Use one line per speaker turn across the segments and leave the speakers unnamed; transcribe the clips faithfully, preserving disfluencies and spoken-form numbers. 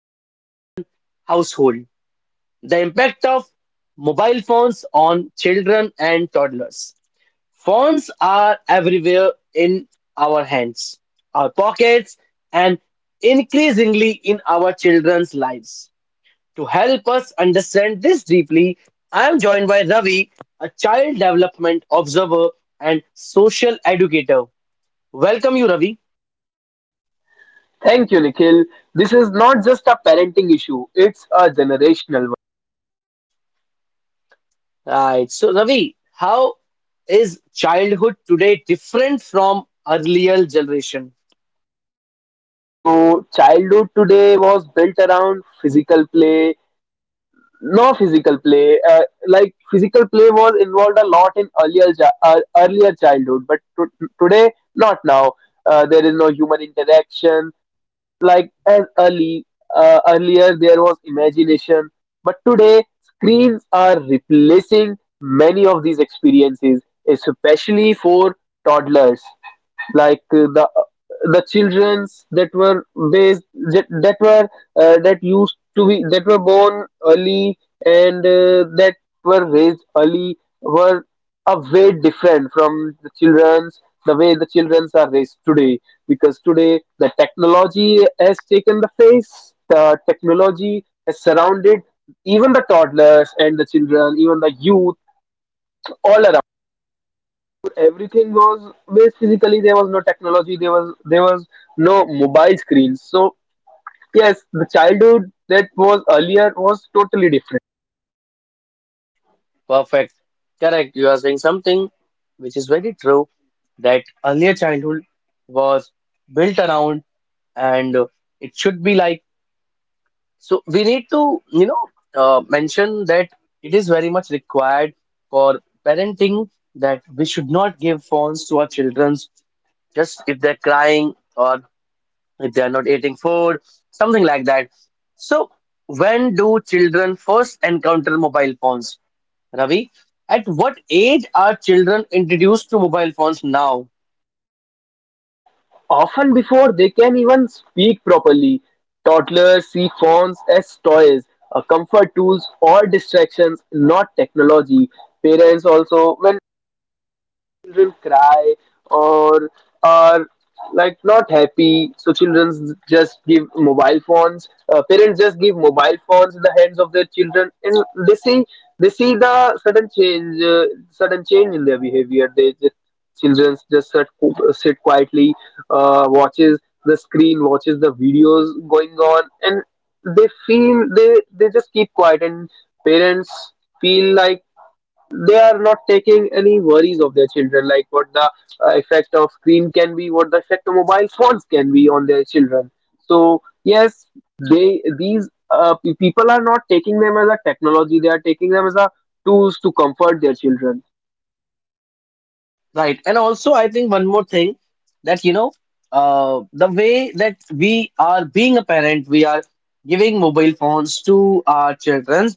every modern household, the impact of mobile phones on children and toddlers. Phones are everywhere, in our hands, our pockets, and increasingly in our children's lives. To help us understand this deeply, I am joined by Ravi, a child development observer and social educator. Welcome you, Ravi.
Thank you, Nikhil. This is not just a parenting issue, it's a generational one.
Right. So, Ravi, how is childhood today different from earlier generation?
So, childhood today was built around physical play, no physical play. Uh, like, physical play was involved a lot in earlier, chi- uh, earlier childhood, but to- today, not now. Uh, there is no human interaction, like as early uh, earlier there was imagination, but today screens are replacing many of these experiences, especially for toddlers, like uh, the uh, the childrens that were based, that, that were uh, that used to be, that were born early and uh, that were raised early, were a way different from the children's, the way the children's are raised today, because today the technology has taken the face, the technology has surrounded even the toddlers and the children, even the youth, all around. Everything was based physically, there was no technology, there was there was no mobile screens. So yes, the childhood that was earlier was totally different.
Perfect. Correct. You are saying something which is very true, that earlier childhood was built around, and uh, it should be like. So we need to, you know, uh, mention that it is very much required for parenting that we should not give phones to our children just if they're crying or if they're not eating food, something like that. So, when do children first encounter mobile phones, Ravi? At what age are children introduced to mobile phones now?
Often before they can even speak properly, toddlers see phones as toys, uh, comfort tools or distractions, not technology. Parents also, when children cry or are, like, not happy, so children just give mobile phones uh, parents just give mobile phones in the hands of their children, and they see they see the sudden change, uh, sudden change in their behavior. They just, children just sit, sit quietly, uh, watches the screen, watches the videos going on, and they feel they they just keep quiet, and parents feel like they are not taking any worries of their children, like what the uh, effect of screen can be, what the effect of mobile phones can be on their children. So yes, they these uh, pe- people are not taking them as a technology; they are taking them as a tools to comfort their children.
Right. And also, I think one more thing that, you know, uh, the way that we are being a parent, we are giving mobile phones to our children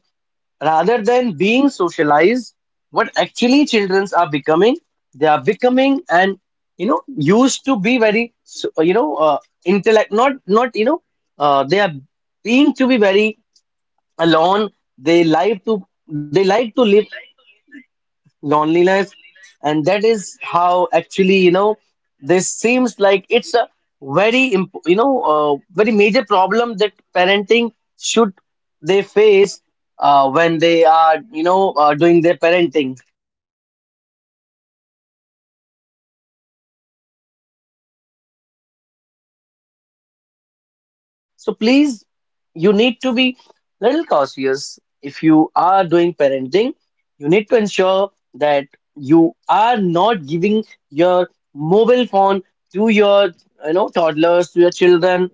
rather than being socialized. What actually children are becoming, they are becoming and, you know, used to be very, so- you know, uh, intellect, not, not, you know, uh, they are being to be very alone. They like to, they like to live loneliness, and that is how, actually, you know this seems like it's a very imp- you know uh, very major problem that parenting should they face uh, when they are, you know uh, doing their parenting. So please, you need to be little cautious. If you are doing parenting, you need to ensure that you are not giving your mobile phone to your, you know toddlers, to your children,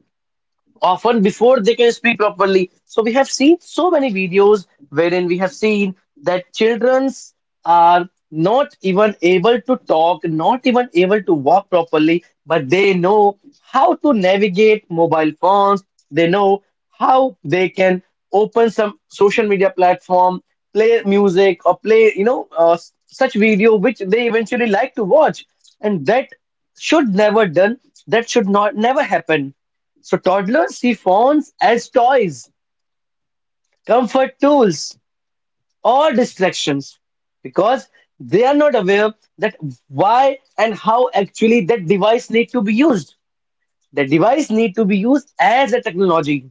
often before they can speak properly. So we have seen so many videos wherein we have seen that childrens are not even able to talk, not even able to walk properly, but they know how to navigate mobile phones. They know how they can open some social media platform, play music, or play, you know, uh, s- such video which they eventually like to watch. And that should never done. That should not never happen. So toddlers see phones as toys, comfort tools, or distractions, because they are not aware that why and how actually that device need to be used. The device need to be used as a technology,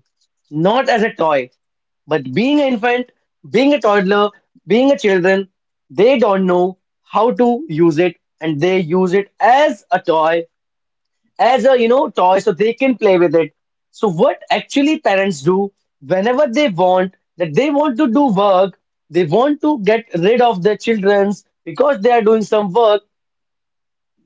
not as a toy. But being an infant, being a toddler, being a children, they don't know how to use it, and they use it as a toy, as a you know toy, so they can play with it. So what actually parents do, whenever they want, that they want to do work, they want to get rid of their childrens because they are doing some work,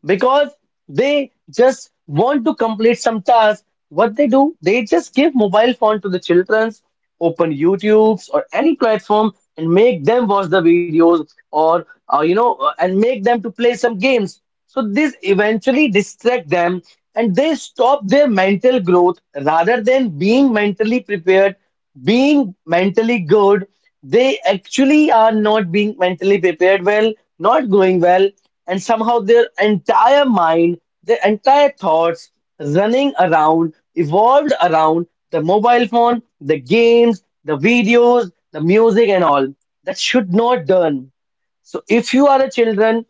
because they just want to complete some tasks. What they do, they just give mobile phone to the children's, open youtubes or any platform, and make them watch the videos, or uh, you know uh, and make them to play some games. So this eventually distract them, and they stop their mental growth. Rather than being mentally prepared, being mentally good, they actually are not being mentally prepared well, not going well, and somehow their entire mind, their entire thoughts running around, evolved around the mobile phone, the games, the videos, the music, and all. That should not done. So if you are a children,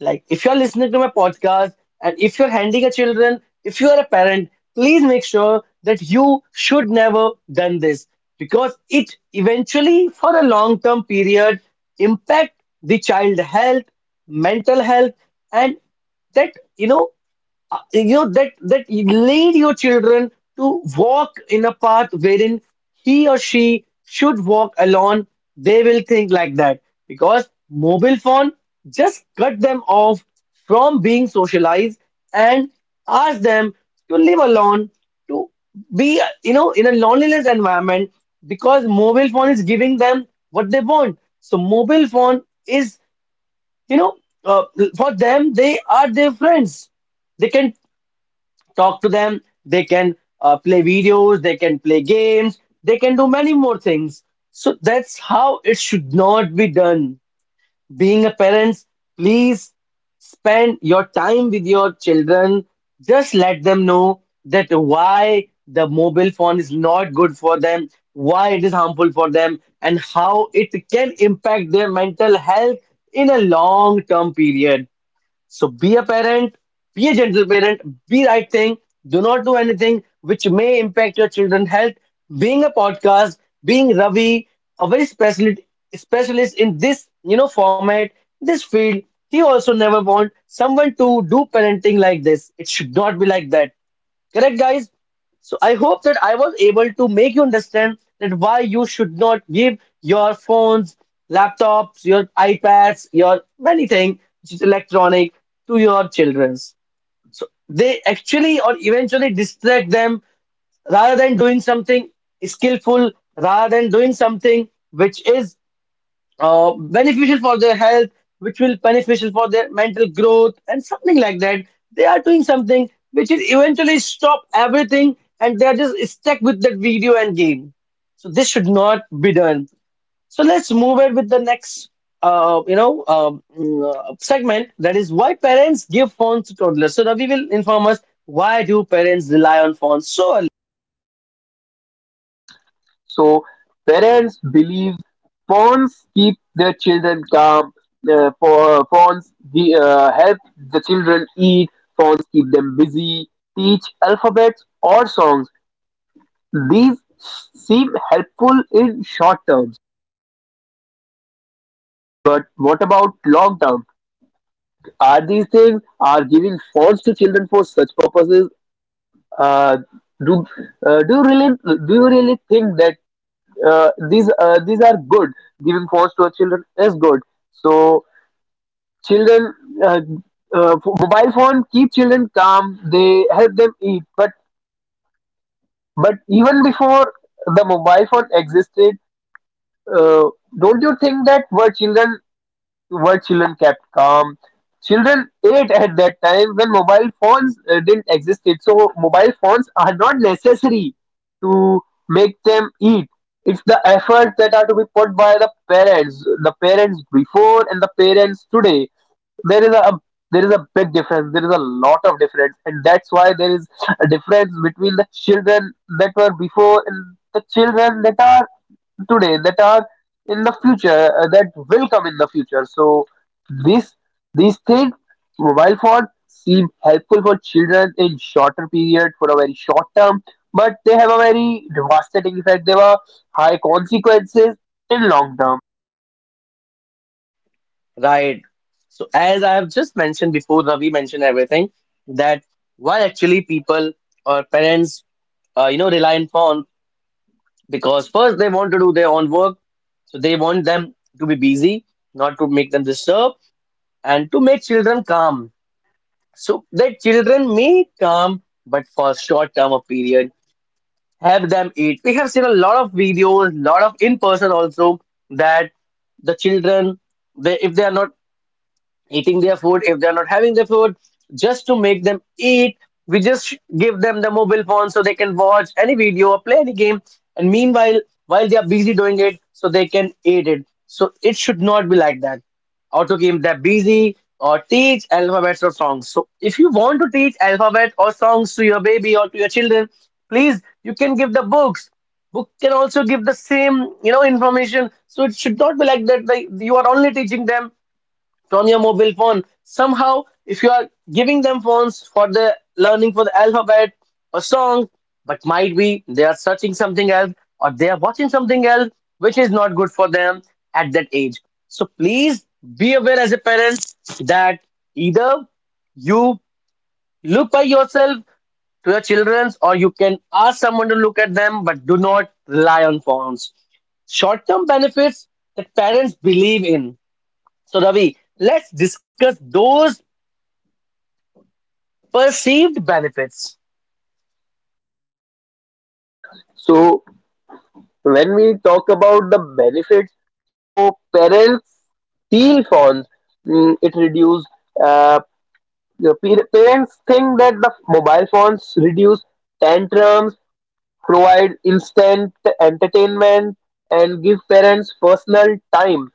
like, if you're listening to my podcast, and if you're handling a children, if you are a parent, please make sure that you should never done this, because it eventually, for a long term period, impact the child health, mental health, and that, you know uh, you know that that you lead your children to walk in a path wherein he or she should walk alone. They will think like that, because mobile phone just cut them off from being socialized, and ask them to live alone, to be uh, you know in a loneliness environment, because mobile phone is giving them what they want. So mobile phone is, you know uh, for them they are their friends. They can talk to them, they can uh, play videos, they can play games, they can do many more things. So that's how it should not be done. Being a parent, please spend your time with your children. Just let them know that why the mobile phone is not good for them, why it is harmful for them, and how it can impact their mental health in a long term period. So be a parent, be a gentle parent, be right thing. Do not do anything which may impact your children's health. Being a podcast, being Ravi, a very specialist specialist in this, you know format, this field, he also never want someone to do parenting like this. It should not be like that. Correct, guys? So I hope that I was able to make you understand that why you should not give your phones, laptops, your iPads, your anything which is electronic to your childrens. So they actually or eventually distract them, rather than doing something skillful, rather than doing something which is uh, beneficial for their health, which will beneficial for their mental growth and something like that. They are doing something which will eventually stop everything, and they are just stuck with that video and game. So this should not be done. So let's move it with the next, uh, you know, um, uh, segment, that is why parents give phones to toddlers. So Ravi will inform us why do parents rely on phones so.
So parents believe pawns keep their children calm. Uh, pa- pawns the, uh, help the children eat. Pawns keep them busy, teach alphabets or songs. These seem helpful in short term, but what about long term? Are these things are giving phones to children for such purposes? Uh, do uh, do you really, do you really think that uh, these uh, these are good? Giving phones to our children is good. So children, uh, uh, f- mobile phone keep children calm. They help them eat, but but even before the mobile phone existed, uh, don't you think that were children were children kept calm? Children ate at that time when mobile phones uh, didn't exist. So mobile phones are not necessary to make them eat. It's the effort that are to be put by the parents, the parents before and the parents today. There is a there is a big difference. There is a lot of difference, and that's why there is a difference between the children that were before and the children that are today, that are in the future, uh, that will come in the future. So this these things, mobile phones seem helpful for children in shorter period, for a very short term, but they have a very devastating effect, they have high consequences in long term.
Right. So as I have just mentioned before, Ravi mentioned everything, that why actually people or parents, uh, you know, rely on phone, because first they want to do their own work, so they want them to be busy, not to make them disturbed, and to make children calm. So that children may calm, but for short term of period, have them eat. We have seen a lot of videos, lot of in person also, that the children, they, if they are not eating their food, if they're not having their food, just to make them eat, we just give them the mobile phone so they can watch any video or play any game, and meanwhile, while they are busy doing it, so they can eat it. So it should not be like that, or to keep them busy or teach alphabets or songs. So if you want to teach alphabet or songs to your baby or to your children, please, you can give the books. Book can also give the same, you know information. So it should not be like that, like you are only teaching them from your mobile phone. Somehow, if you are giving them phones for the learning, for the alphabet or song, but might be they are searching something else or they are watching something else which is not good for them at that age. So please be aware as a parent that either you look by yourself to your children's, or you can ask someone to look at them, but do not rely on phones. Short term benefits that parents believe in. So, Ravi, let's discuss those perceived benefits.
So when we talk about the benefits, so parents steal phones. Mm, it reduce, uh, your pa- parents think that the mobile phones reduce tantrums, provide instant entertainment, and give parents personal time.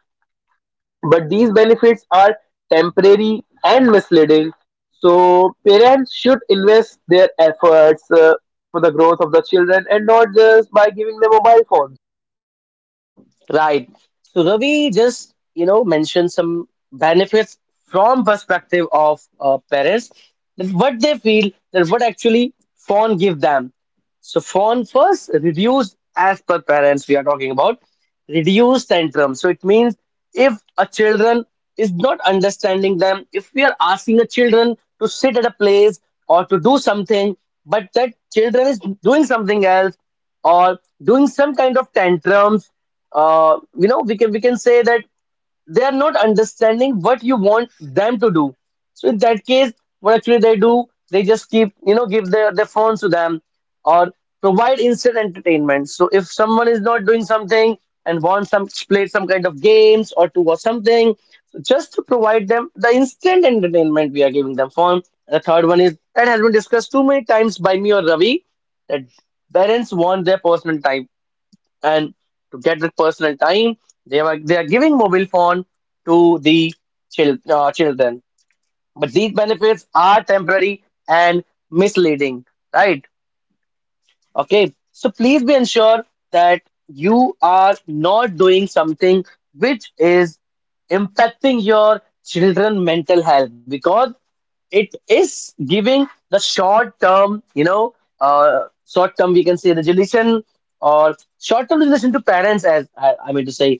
But these benefits are temporary and misleading. So parents should invest their efforts uh, for the growth of the children, and not just by giving them a mobile phone.
Right. So Ravi just, you know, mentioned some benefits from perspective of uh, parents, that what they feel, that what actually phone give them. So phone first reduced, as per parents we are talking about, reduced tantrum. So it means if a children is not understanding them, if we are asking a children to sit at a place or to do something, but that children is doing something else or doing some kind of tantrums, uh, you know, we can we can say that they are not understanding what you want them to do. So in that case, what actually they do, they just keep, you know give their their phones to them, or provide instant entertainment. So if someone is not doing something and wants some play some kind of games or to watch something, so just to provide them the instant entertainment we are giving them phone. The third one is that has been discussed too many times by me or Ravi, that parents want their personal time, and to get that personal time, they are they are giving mobile phone to the chil- uh, children. But these benefits are temporary and misleading, right? Okay, so please be ensured that you are not doing something which is impacting your children mental health, because it is giving the short term, you know, uh, short term, we can say, resolution, or short term resolution to parents, as I, I mean to say,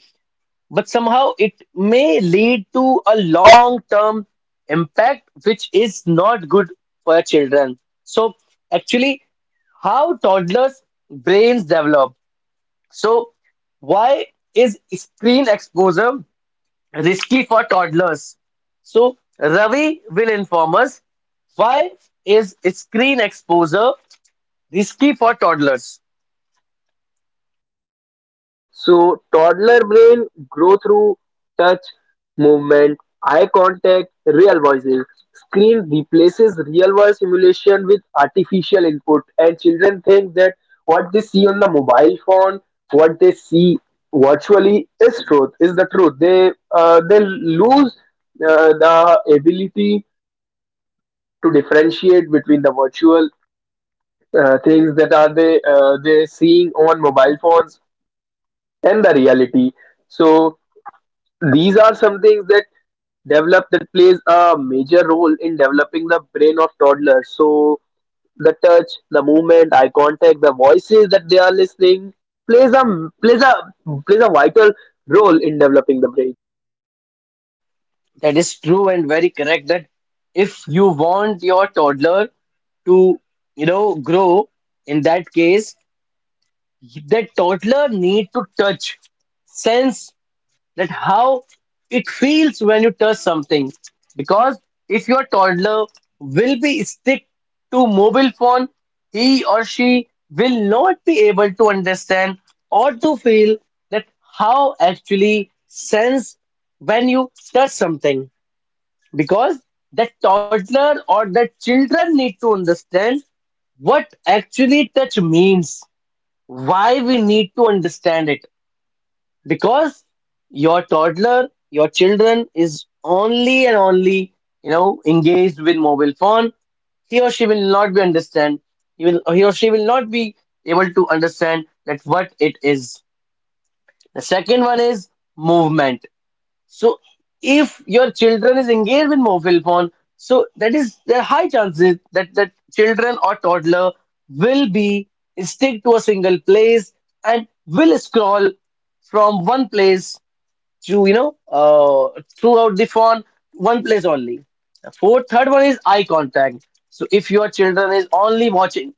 but somehow it may lead to a long term impact, which is not good for children. So, actually, how toddlers' brains develop. So, why is screen exposure risky for toddlers. So Ravi will inform us, why is screen exposure risky for toddlers?
So toddler brain grow through touch, movement, eye contact, real voices. Screen replaces real world simulation with artificial input, and children think that what they see on the mobile phone, what they see virtually is truth, is the truth. They uh, they lose uh, the ability to differentiate between the virtual uh, things that are they uh, they seeing on mobile phones and the reality. So these are some things that develop, that plays a major role in developing the brain of toddlers. So the touch, the movement, eye contact, the voices that they are listening plays a plays a plays a vital role in developing the brain.
That is true and very correct that if you want your toddler to, you know, grow, in that case the toddler need to touch, sense that how it feels when you touch something. Because if your toddler will be stick to mobile phone, he or she will not be able to understand or to feel that how actually sense when you touch something. Because the toddler or the children need to understand what actually touch means. Why we need to understand it? Because your toddler, your children is only and only, you know, engaged with mobile phone, he or she will not be understand, he will, he or she will not be able to understand that what it is. The second one is movement. So if your children is engaged with mobile phone, so that is there are high chances that that children or toddler will be stick to a single place and will scroll from one place to, you know, uh, throughout the phone, one place only. Fourth, third one is eye contact. So if your children is only watching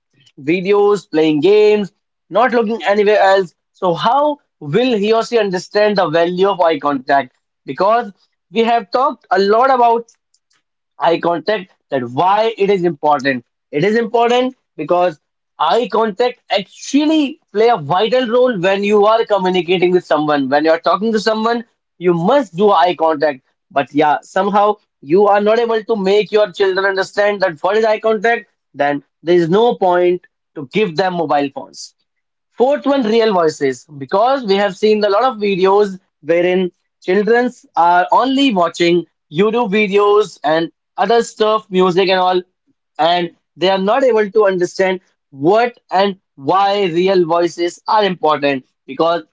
videos, playing games, not looking anywhere else, so how will he or she understand the value of eye contact? Because we have talked a lot about eye contact, that why it is important. It is important because eye contact actually play a vital role when you are communicating with someone, when you are talking to someone, you must do eye contact. But yeah, somehow you are not able to make your children understand that what is eye contact, then there is no point to give them mobile phones. Fourth one, real voices, because we have seen a lot of videos wherein childrens are only watching YouTube videos and other stuff, music and all, and they are not able to understand what and why real voices are important, because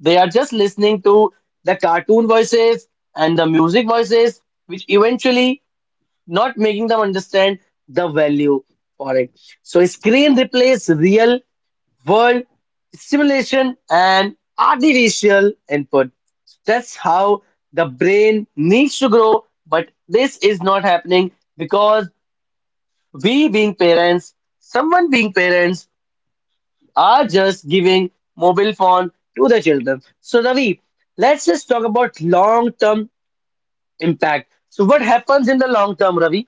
they are just listening to the cartoon voices and the music voices, which eventually not making them understand the value for it. So screen replays real world stimulation and artificial input. That's how the brain needs to grow, but this is not happening because we, being parents, someone being parents, are just giving mobile phone to the children. So, Ravi, let's just talk about long term impact. So, what happens in the long term, Ravi?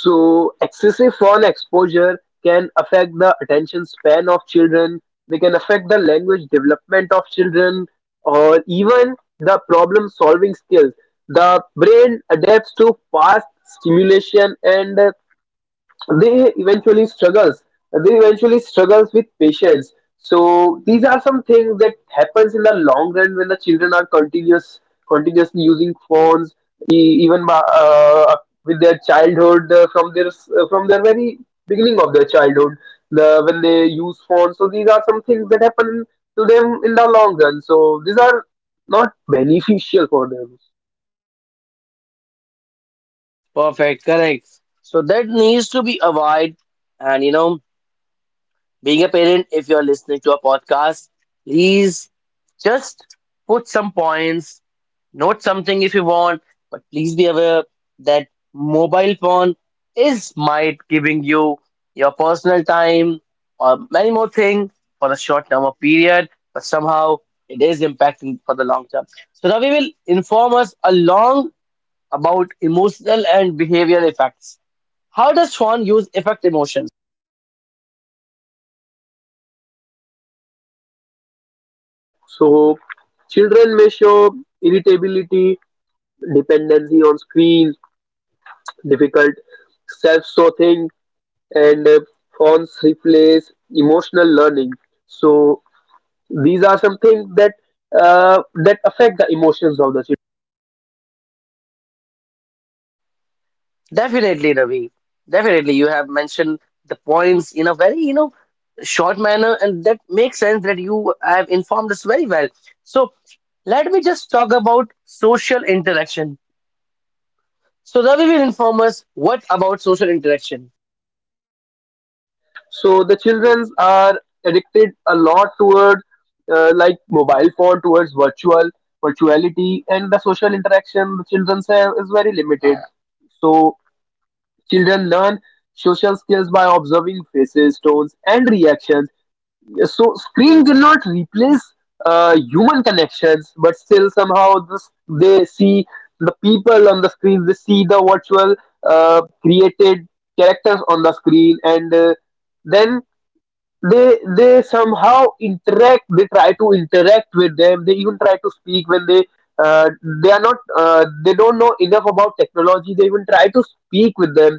So excessive phone exposure can affect the attention span of children. They can affect the language development of children, or even the problem solving skills. The brain adapts to fast stimulation, and uh, they eventually struggles they eventually struggles with patience. So these are some things that happens in the long run, when the children are continuous continuously using phones, e- even ba- uh, with their childhood, uh, from their s- uh, from their very beginning of their childhood, the when they use phones. So these are some things that happen to them in the long run, so these are not beneficial for them.
Perfect, correct. So, that needs to be avoided, and you know. Being a parent, if you're listening to a podcast, please just put some points, note something if you want, but please be aware that mobile phone is might giving you your personal time or many more things for a short term of period, but somehow it is impacting for the long term. So Ravi will inform us along about emotional and behavioral effects. How does Swan use affect emotion?
So children may show irritability, dependency on screens, difficult self-sorting, and uh, fonts replace emotional learning. So these are some things that uh, that affect the emotions of the children.
Definitely, Ravi. Definitely, you have mentioned the points in a very, you know, short manner, and that makes sense that you have informed us very well. So let me just talk about social interaction. So Ravi will inform us, what about social interaction?
So the childrens are addicted a lot towards uh, like mobile phone, towards virtual virtuality, and the social interaction the children have is very limited. So children learn social skills by observing faces, tones, and reactions. So screen cannot replace uh, human connections, but still somehow this, they see the people on the screen, they see the virtual uh, created characters on the screen, and uh, then they they somehow interact, they try to interact with them. They even try to speak when they uh, they are not uh, they don't know enough about technology, they even try to speak with them.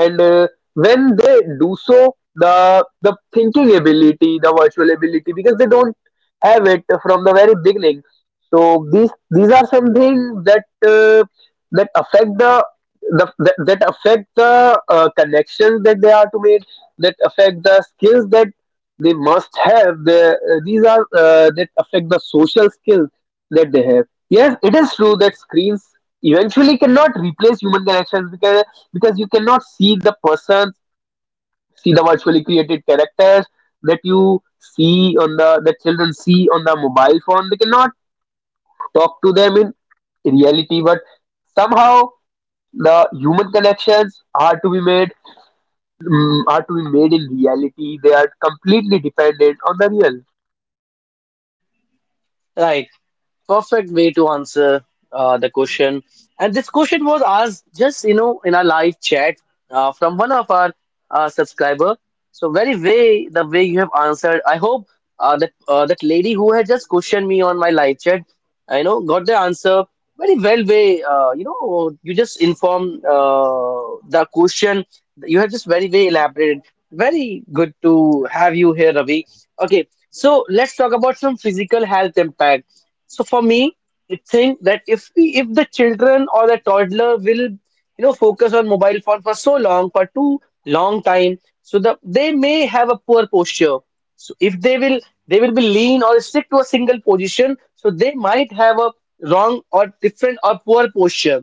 And uh, when they do so, the the thinking ability, the virtual ability, because they don't have it from the very beginning. So these these are something that uh, that affect the the, that, that affect the uh, connections that they are to make, that affect the skills that they must have, the, uh, these are uh, that affect the social skills that they have. Yes, it is true that screens eventually cannot replace human connections, because you cannot see the persons, see the virtually created characters that you see on the that children see on the mobile phone. They cannot talk to them in reality, but somehow the human connections are to be made, mm, are to be made in reality. They are completely dependent on the real.
Right, perfect way to answer uh, the question. And this question was asked just, you know, in our live chat uh, from one of our uh, subscriber. So very way the way you have answered. I hope uh, that uh, that lady who had just questioned me on my live chat, I know got the answer very well way. Uh, you know, you just inform uh, the question. You have just very way elaborated. Very good to have you here, Ravi. Okay, so let's talk about some physical health impact. So for me, I think that if we, if the children or the toddler will, you know, focus on mobile phone for so long, for too long time, so the they may have a poor posture. So if they will, they will be lean or stick to a single position, so they might have a wrong or different or poor posture.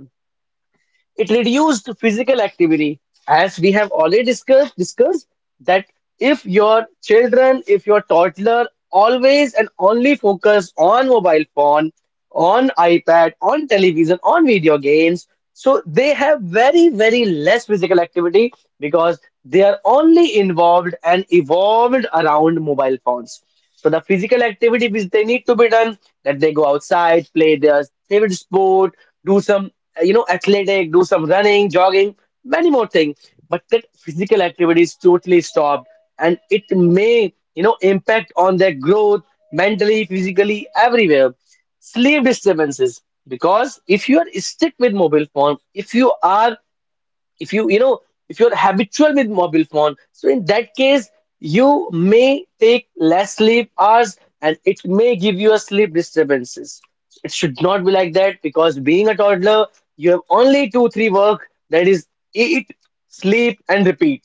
It reduced physical activity. As we have already discussed, discussed that if your children, if your toddler always and only focus on mobile phone, on iPad, on television, on video games, so they have very, very less physical activity, because they are only involved and evolved around mobile phones. So the physical activity which they need to be done, that they go outside, play their favorite sport, do some uh, you know, athletic, do some running, jogging, many more things. But that physical activity is totally stopped, and it may, you know, impact on their growth mentally, physically, everywhere. Sleep disturbances, because if you are stuck with mobile phone, if you are, if you, you know, if you're habitual with mobile phone, so in that case you may take less sleep hours and it may give you a sleep disturbances. It should not be like that, because being a toddler you have only two three work, that is eat, sleep, and repeat.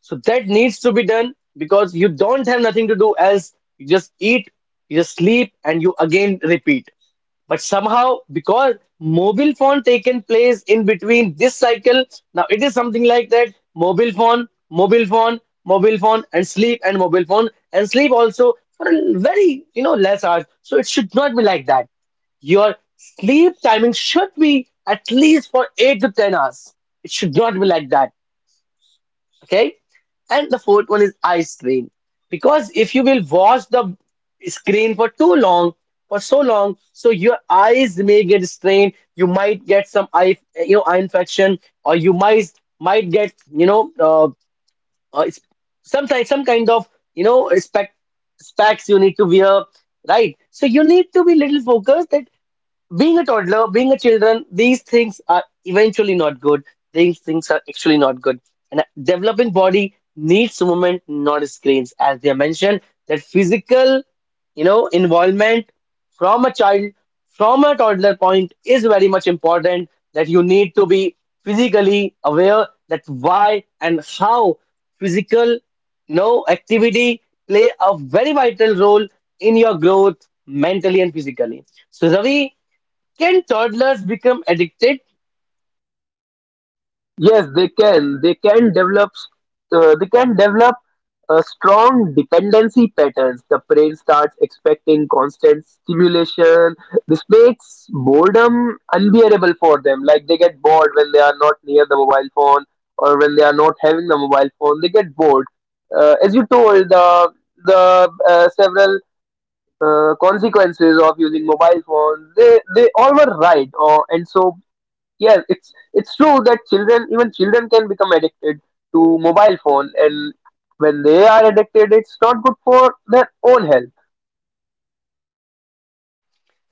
So that needs to be done, because you don't have nothing to do else, you just eat, you just sleep, and you again repeat. But somehow, because mobile phone taken place in between this cycle, now it is something like that mobile phone, mobile phone, mobile phone, and sleep, and mobile phone, and sleep also for a very, you know, less hours. So it should not be like that. Your sleep timing should be at least for eight to ten hours. It should not be like that, okay? And the fourth one is eye strain, because if you will watch the screen for too long, for so long, so your eyes may get strained, you might get some eye, you know, eye infection, or you might might get, you know, uh, uh, it's- sometimes some kind of, you know, spec specs you need to wear, right? So you need to be little focused that being a toddler, being a children, these things are eventually not good. These things are actually not good. And a developing body needs movement, not screens. As they mentioned, that physical, you know, involvement from a child, from a toddler point is very much important. That you need to be physically aware that why and how physical, you know, activity play a very vital role in your growth mentally and physically. So Ravi, can toddlers become addicted?
Yes, they can. They can develop. Uh, they can develop a strong dependency patterns. The brain starts expecting constant stimulation. This makes boredom unbearable for them. Like, they get bored when they are not near the mobile phone, or when they are not having the mobile phone. They get bored. Uh, as you told, the the uh, several uh, consequences of using mobile phones, they they all were right. Uh, and So yes, it's it's true that children, even children, can become addicted to mobile phone, and when they are addicted, it's not good for their own health.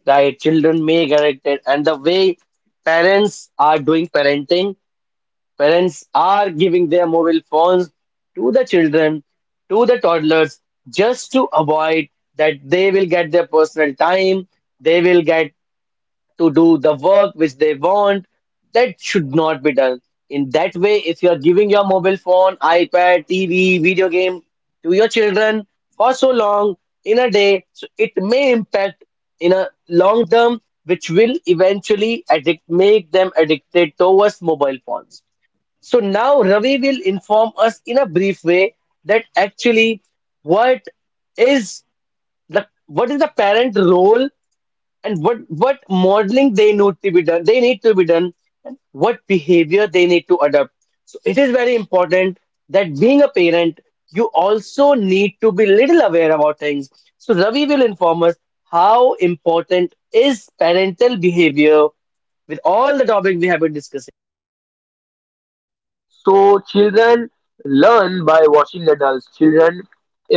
Right, children may get addicted, and the way parents are doing parenting, parents are giving their mobile phones to the children, to the toddlers, just to avoid that they will get their personal time, they will get to do the work which they want. That should not be done. In that way, if you are giving your mobile phone, iPad, T V, video game to your children for so long in a day, so it may impact in a long term, which will eventually addict, make them addicted towards mobile phones. So now Ravi will inform us in a brief way that actually what is the, what is the parent role, and what what modeling they need to be done, they need to be done, and what behavior they need to adopt. So it is very important that being a parent you also need to be little aware about things. So Ravi will inform us, how important is parental behavior with all the topics we have been discussing?
So children learn by watching adults, children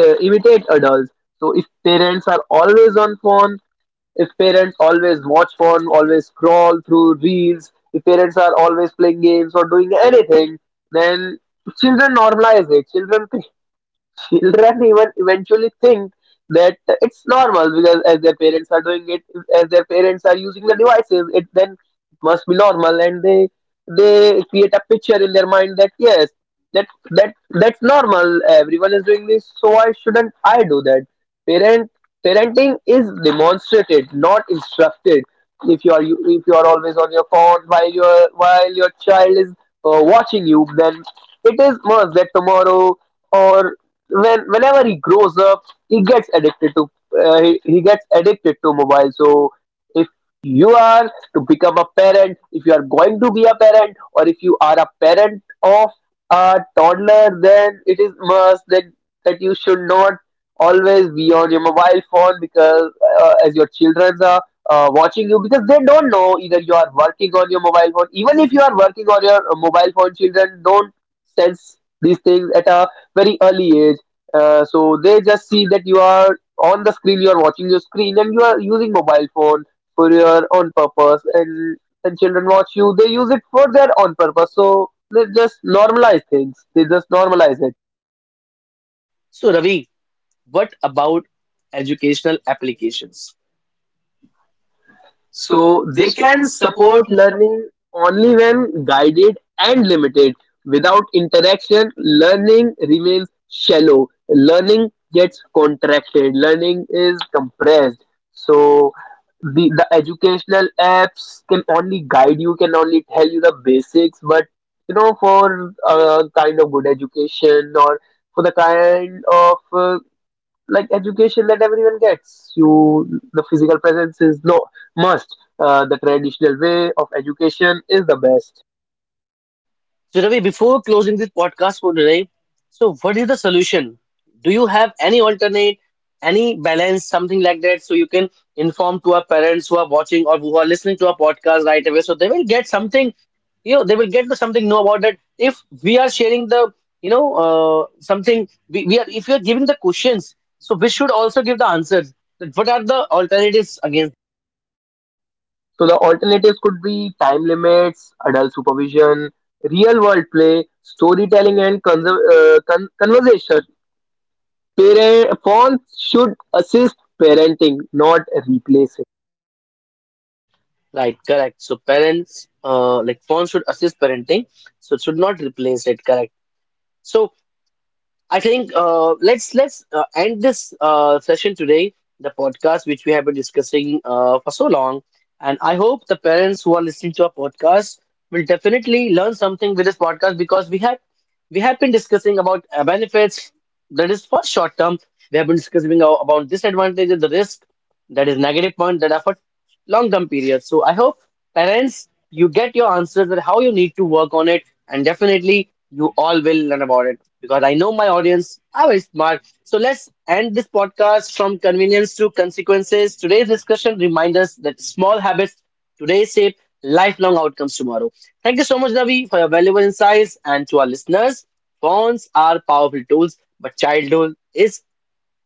uh, imitate adults. So if parents are always on phone, if parents always watch phone, always scroll through reels, if parents are always playing games or doing anything, then children normalize it, children children even eventually think that it's normal, because as their parents are doing it, as their parents are using the devices, it then must be normal, and they they create a picture in their mind that yes, that that that's normal, everyone is doing this, so why shouldn't I do that? parent Parenting is demonstrated, not instructed. If you are you, if you are always on your phone while your while your child is uh, watching you, then it is must that tomorrow, or when whenever he grows up, he gets addicted to, uh, he, he gets addicted to mobile. So if you are to become a parent, if you are going to be a parent, or if you are a parent of a toddler, then it is must that that you should not always be on your mobile phone, because uh, as your children are uh, watching you, because they don't know either you are working on your mobile phone. Even if you are working on your uh, mobile phone, children don't sense these things at a very early age, uh, so they just see that you are on the screen, you are watching your screen, and you are using mobile phone for your own purpose. And and children watch you, they use it for their own purpose. So they just normalize things. They just normalize it.
So Ravi, what about educational applications? So
So
they
they
can
can
support.
support learning only when guided and limited. Without interaction, learning remains shallow. Learning gets contracted. Learning is compressed. So the, the educational apps can only guide you, can only tell you the basics, but you know, for a kind of good education, or for the kind of uh, like education that everyone gets you, the physical presence is no must. Uh, the traditional way of education is the best.
So, Ravi, before closing this podcast for today, so what is the solution? Do you have any alternate, any balance, something like that, so you can inform to our parents who are watching or who are listening to our podcast right away, so they will get something, you know, they will get to something know about that. If we are sharing the, you know, uh, something we, we are, if we are giving the questions, so we should also give the answers. That what are the alternatives against?
So the alternatives could be time limits, adult supervision, real world play, storytelling, and conser- uh, con- conversation. Parent phones should assist parenting, not replace.
Right, correct. So parents, uh, like, phones should assist parenting, so it should not replace it. Correct. So I think uh, let's let's uh, end this uh, session today, the podcast which we have been discussing uh, for so long. And I hope the parents who are listening to our podcast will definitely learn something with this podcast, because we have we have been discussing about uh, benefits, that is for short term. We have been discussing about disadvantages, the risk, that is negative point, that are for long term periods. So I hope parents, you get your answers that how you need to work on it, and definitely you all will learn about it, because I know my audience are very smart. So let's end this podcast from convenience to consequences. Today's discussion reminds us that small habits today shape lifelong outcomes tomorrow. Thank you so much, Navi, for your valuable insights, and to our listeners, phones are powerful tools, but childhood is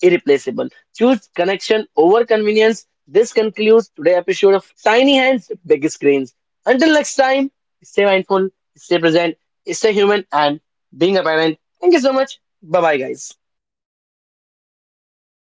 irreplaceable. Choose connection over convenience. This concludes today's episode of Tiny Hands, Big Screens. Until next time, stay mindful, stay present, stay human, and being a parent. Thank you so much. Bye bye, guys.